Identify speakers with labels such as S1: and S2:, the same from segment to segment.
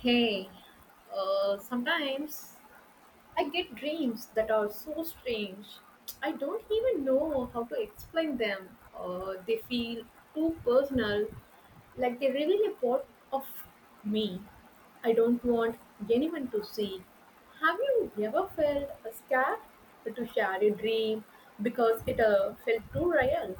S1: Hey, sometimes I get dreams that are so strange. I don't even know how to explain them. They feel too personal, like they reveal a part of me I don't want anyone to see. Have you ever felt scared to share a dream because it felt too real?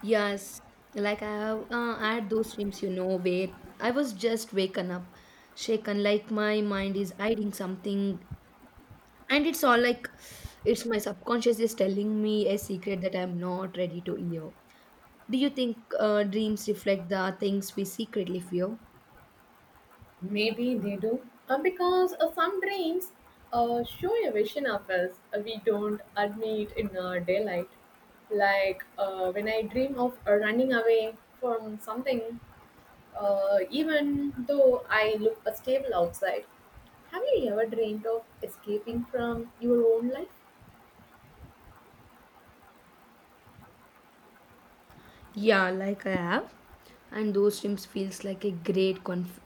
S2: Yes, like I have had those dreams, you know, where I was just waken up, shaken, like my mind is hiding something, and it's all like it's my subconscious is telling me a secret that I'm not ready to hear. Do you think dreams reflect the things we secretly fear?
S1: Maybe they do. Because some dreams show a vision of us, we don't admit in daylight. Like when I dream of running away from something, even though I look stable outside. Have you ever dreamed of escaping from your own life?
S2: Yeah, like I have, and those dreams feels like a great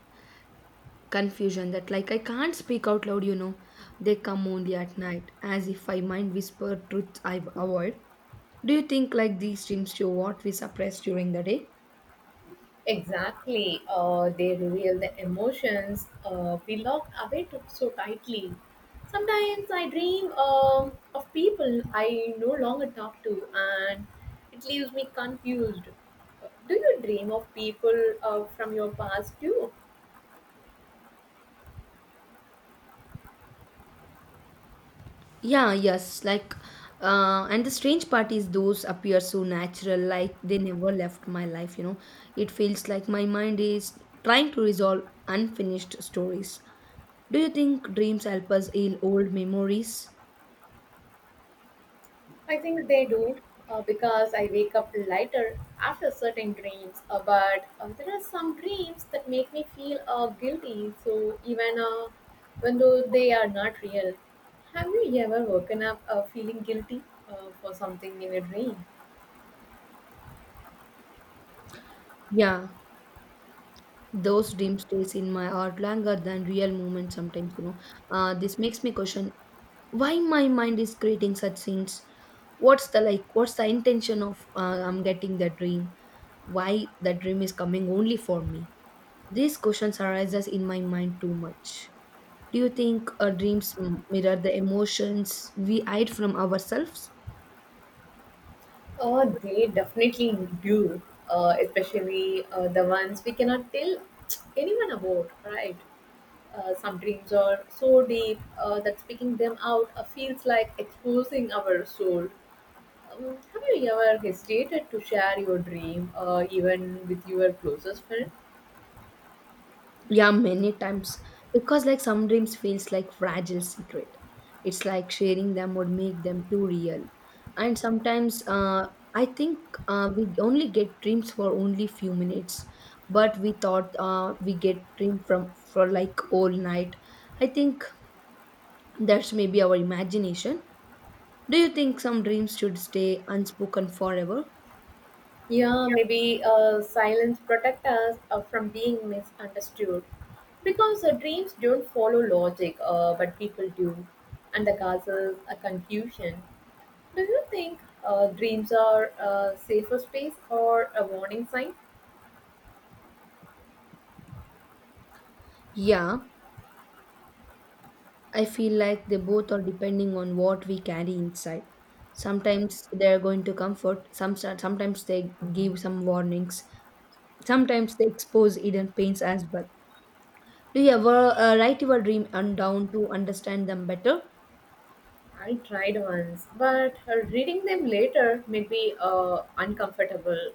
S2: confusion that like I can't speak out loud, you know. They come only at night, as if my mind whisper truth I avoid. Do you think like these dreams show what we suppress during the day?
S1: Exactly. They reveal the emotions we lock away to, so tightly. Sometimes I dream of people I no longer talk to, and it leaves me confused. Do you dream of people from your past too?
S2: Yeah, yes, like and the strange part is those appear so natural, like they never left my life, you know. It feels like my mind is trying to resolve unfinished stories. Do you think dreams help us heal old memories?
S1: I think they do because I wake up lighter after certain dreams. But there are some dreams that make me feel guilty, so even when though they are not real. Have you ever woken up feeling guilty for something in a dream?
S2: Yeah, those dreams stays in my heart longer than real moments sometimes, you know. This makes me question why my mind is creating such scenes. What's the what's the intention of I'm getting that dream, why that dream is coming only for me? These questions arises in my mind too much. Do you think our dreams mirror the emotions we hide from ourselves?
S1: Oh, they definitely do, especially the ones we cannot tell anyone about, right? Some dreams are so deep that speaking them out feels like exposing our soul. Have you ever hesitated to share your dream, even with your closest friend?
S2: Yeah, many times. Because like some dreams feels like fragile secret. It's like sharing them would make them too real. And sometimes I think we only get dreams for only few minutes, but we thought we get dream from for like all night. I think that's maybe our imagination. Do you think some dreams should stay unspoken forever?
S1: Yeah, maybe silence protect us from being misunderstood, because dreams don't follow logic, but people do, and that causes a confusion. Do you think dreams are a safer space or a warning sign?
S2: Yeah, I feel like they both are depending on what we carry inside. Sometimes they are going to comfort, sometimes they give some warnings, sometimes they expose hidden pains as well. Do you ever write your dream and down to understand them better?
S1: I tried once, but reading them later made me uncomfortable.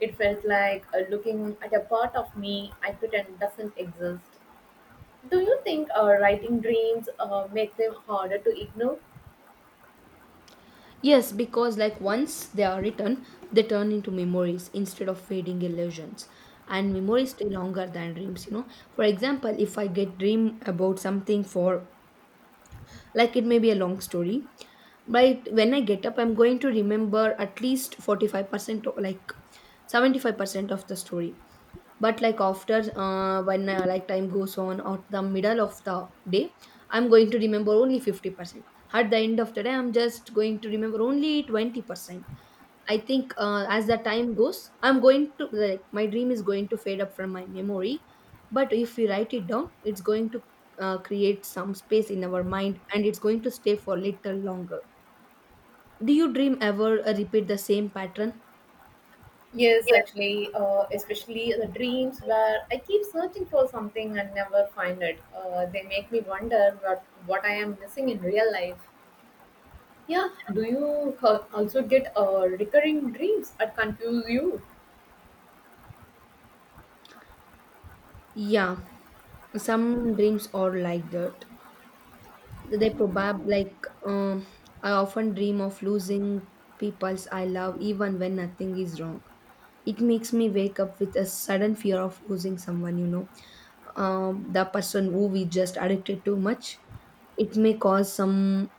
S1: It felt like looking at a part of me I pretend doesn't exist. Do you think writing dreams make them harder to ignore?
S2: Yes, because like once they are written, they turn into memories instead of fading illusions. And memories stay longer than dreams, you know. For example, if I get dream about something for like it may be a long story. But when I get up, I'm going to remember at least 45% or like 75% of the story. But like after when like time goes on or the middle of the day, I'm going to remember only 50%. At the end of the day, I'm just going to remember only 20%. I think as the time goes, I'm going to like my dream is going to fade up from my memory. But if we write it down, it's going to create some space in our mind and it's going to stay for little longer. Do you dream ever repeat the same pattern?
S1: Yes,
S2: Yes.
S1: actually, especially the dreams where I keep searching for something and never find it. They make me wonder what I am missing in real life. Yeah, do you also get recurring dreams that confuse you?
S2: Yeah, some dreams are like that. They probably like I often dream of losing peoples I love even when nothing is wrong. It makes me wake up with a sudden fear of losing someone, you know, the person who we just addicted too much. It may cause some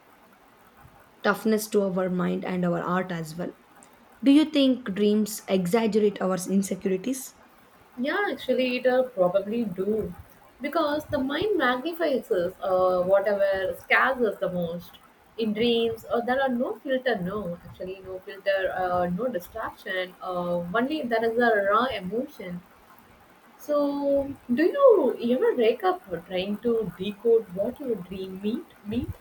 S2: toughness to our mind and our art as well. Do you think dreams exaggerate our insecurities?
S1: Yeah, actually, it will probably do because the mind magnifies us, whatever scares us the most in dreams. There are no filter, no filter, no distraction. Only there is a raw emotion. So, do you ever wake up trying to decode what your dream meant?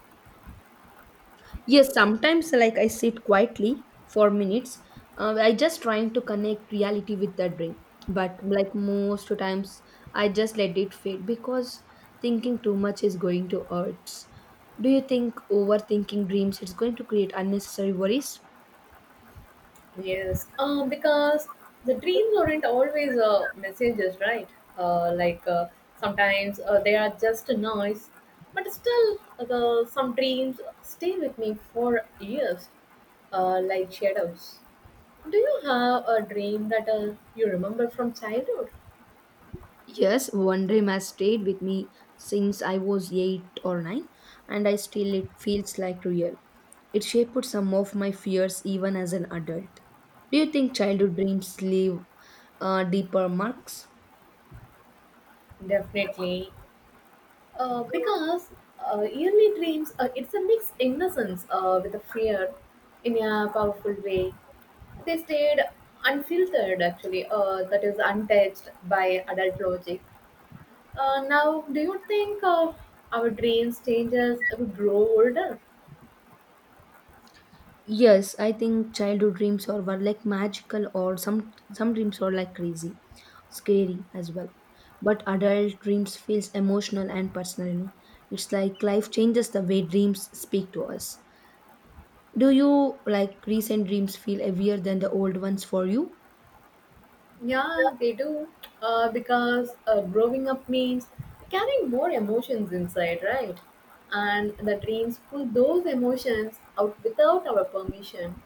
S2: Yes, sometimes like I sit quietly for minutes. I just trying to connect reality with the dream. But like most times, I just let it fade because thinking too much is going to hurt. Do you think overthinking dreams is going to create unnecessary worries?
S1: Yes, because the dreams aren't always messages, right? Like, sometimes they are just a noise, but still, the some dreams stay with me for years, like shadows. Do you have a dream that you remember from childhood?
S2: Yes, one dream has stayed with me since I was 8 or 9, and I still it feels like real. It shaped some of my fears even as an adult. Do you think childhood dreams leave deeper marks?
S1: Definitely. Because early dreams, it's a mixed innocence with a fear in a powerful way. They stayed unfiltered, actually, that is untouched by adult logic. Now, do you think our dreams change as we grow older?
S2: Yes, I think childhood dreams are were like magical or some dreams are like crazy, scary as well. But adult dreams feels emotional and personal, you know? It's like life changes the way dreams speak to us. Do you like recent dreams feel heavier than the old ones for you?
S1: Yeah, they do. Because growing up means carrying more emotions inside, right? And the dreams pull those emotions out without our permission.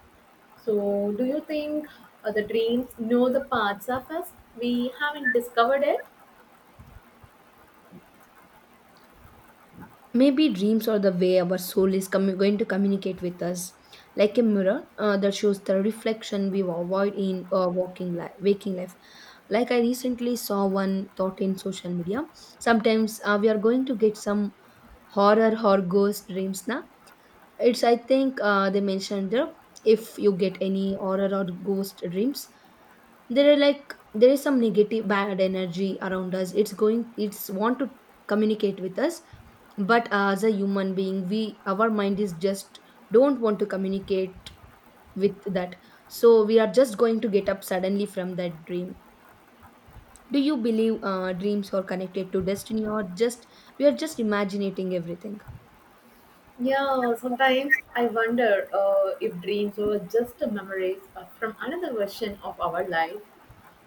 S1: So, do you think the dreams know the parts of us we haven't discovered it?
S2: Maybe dreams are the way our soul is going to communicate with us, like a mirror that shows the reflection we avoid in waking life. Like I recently saw one thought in social media. Sometimes we are going to get some horror or ghost dreams now. It's I think they mentioned there, if you get any horror or ghost dreams, there are like there is some negative bad energy around us, it's going it's want to communicate with us, but as a human being we our mind is just don't want to communicate with that, so we are just going to get up suddenly from that dream. Do you believe dreams are connected to destiny or just we are just imagining everything?
S1: Yeah, sometimes I wonder if dreams were just memories from another version of our life.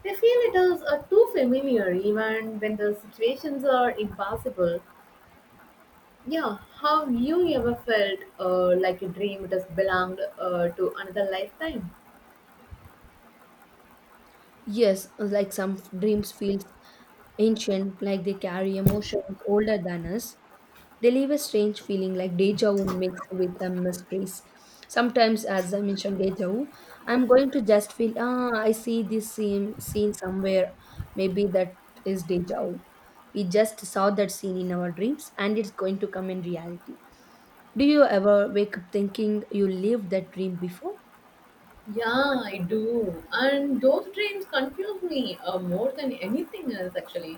S1: They feel it is too familiar even when the situations are impossible. Yeah, have you ever felt like a dream it has belonged to another lifetime?
S2: Yes, like some dreams feel ancient, like they carry emotions older than us. They leave a strange feeling like deja vu mixed with a mysteries. Sometimes, as I mentioned, deja vu, I'm going to just feel, ah, I see this same scene somewhere. Maybe that is deja vu. We just saw that scene in our dreams and it's going to come in reality. Do you ever wake up thinking you lived that dream before?
S1: Yeah, I do. And those dreams confuse me more than anything else, actually.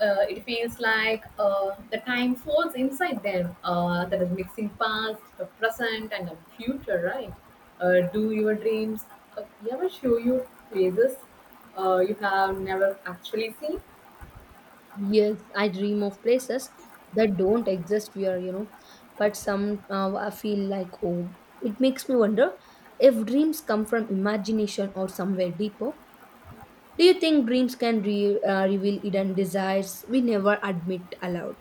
S1: It feels like the time falls inside them. That is mixing past, the present, and the future, right? Do your dreams uh, ever show you places you have never actually seen?
S2: Yes, I dream of places that don't exist here, you know, but somehow I feel like home. It makes me wonder if dreams come from imagination or somewhere deeper. Do you think dreams can reveal hidden desires we never admit aloud?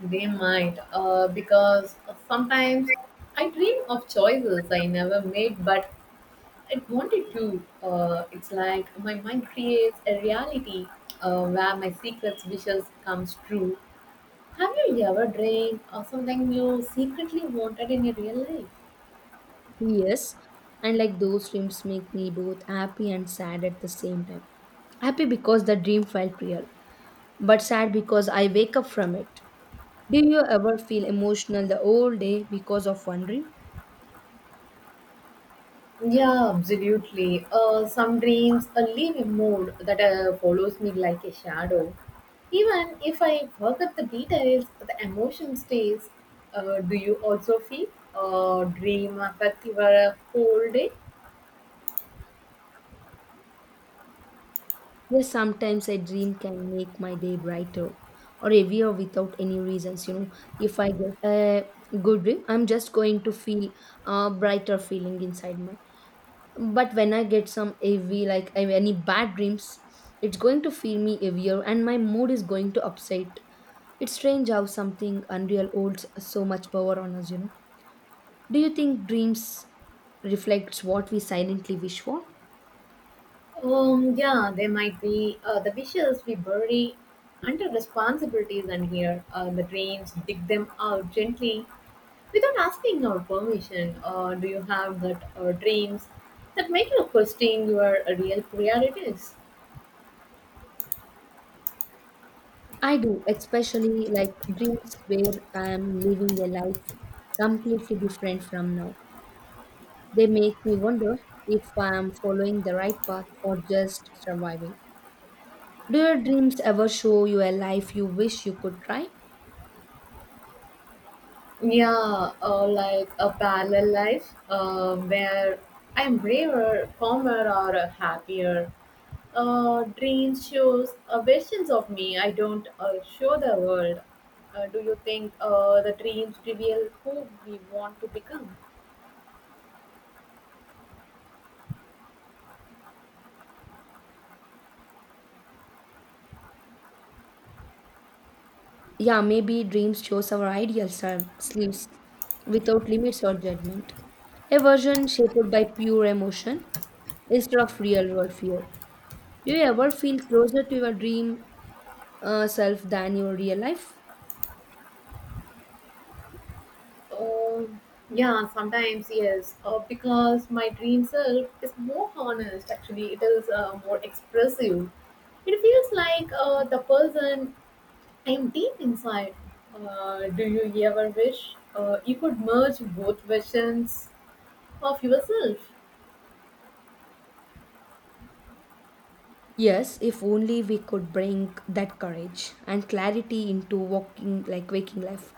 S1: They might, because sometimes I dream of choices I never made, but it wanted to. It's like my mind creates a reality where my secret wishes comes true. Have you ever dreamed of something you secretly wanted in your real life?
S2: Yes, and like those dreams make me both happy and sad at the same time. Happy because the dream felt real, but sad because I wake up from it. Do you ever feel emotional the whole day because of one dream?
S1: Yeah, absolutely. Some dreams leave a mood that follows me like a shadow. Even if I forget the details, the emotion stays. Do you also feel dream affect your whole day?
S2: Yes, sometimes a dream can make my day brighter or heavier without any reasons, you know. If I get a good dream, I'm just going to feel a brighter feeling inside my. But when I get some heavy, like any bad dreams, it's going to feel me heavier and my mood is going to upset. It's strange how something unreal holds so much power on us, you know. Do you think dreams reflects what we silently wish for?
S1: Yeah, there might be the wishes we bury under responsibilities, and here the dreams dig them out gently without asking our permission. Or do you have that dreams that make you question your real priorities?
S2: I do, especially like dreams where I am living a life completely different from now. They make me wonder if I am following the right path or just surviving. Do your dreams ever show you a life you wish you could try?
S1: Yeah, like a parallel life where I'm braver, calmer, or happier. Dreams shows versions of me I don't show the world. Do you think the dreams reveal who we want to become?
S2: Yeah, maybe dreams shows our ideal selves without limits or judgment. A version shaped by pure emotion instead of real world fear. Do you ever feel closer to your dream self than your real life?
S1: Um, yeah, sometimes yes, because my dream self is more honest. Actually, it is more expressive. It feels like the person and deep inside, do you ever wish you could merge both versions of yourself?
S2: Yes, if only we could bring that courage and clarity into walking like waking life.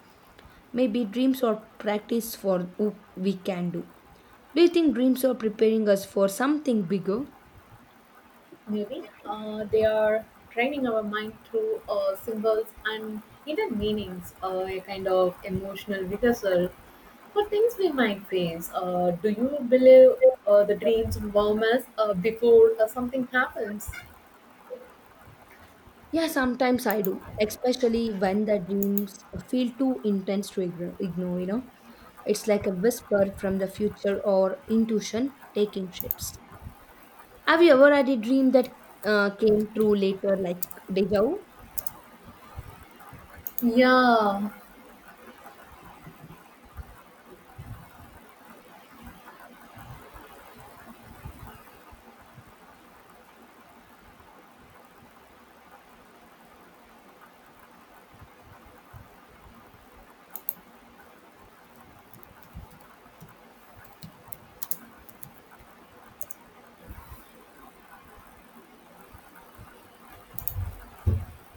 S2: Maybe dreams are practice for who we can do. Do you think dreams are preparing us for something bigger?
S1: Maybe they are training our mind through symbols and hidden meanings, a kind of emotional rehearsal for things we might face. Do you believe the dreams warm us before something happens?
S2: Yeah, sometimes I do, especially when the dreams feel too intense to ignore, you know. It's like a whisper from the future or intuition taking shapes. Have you ever had a dream that came true later, like deja vu?
S1: Yeah,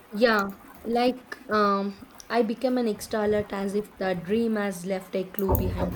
S2: Yeah, like I became an extra alert as if the dream has left a clue behind.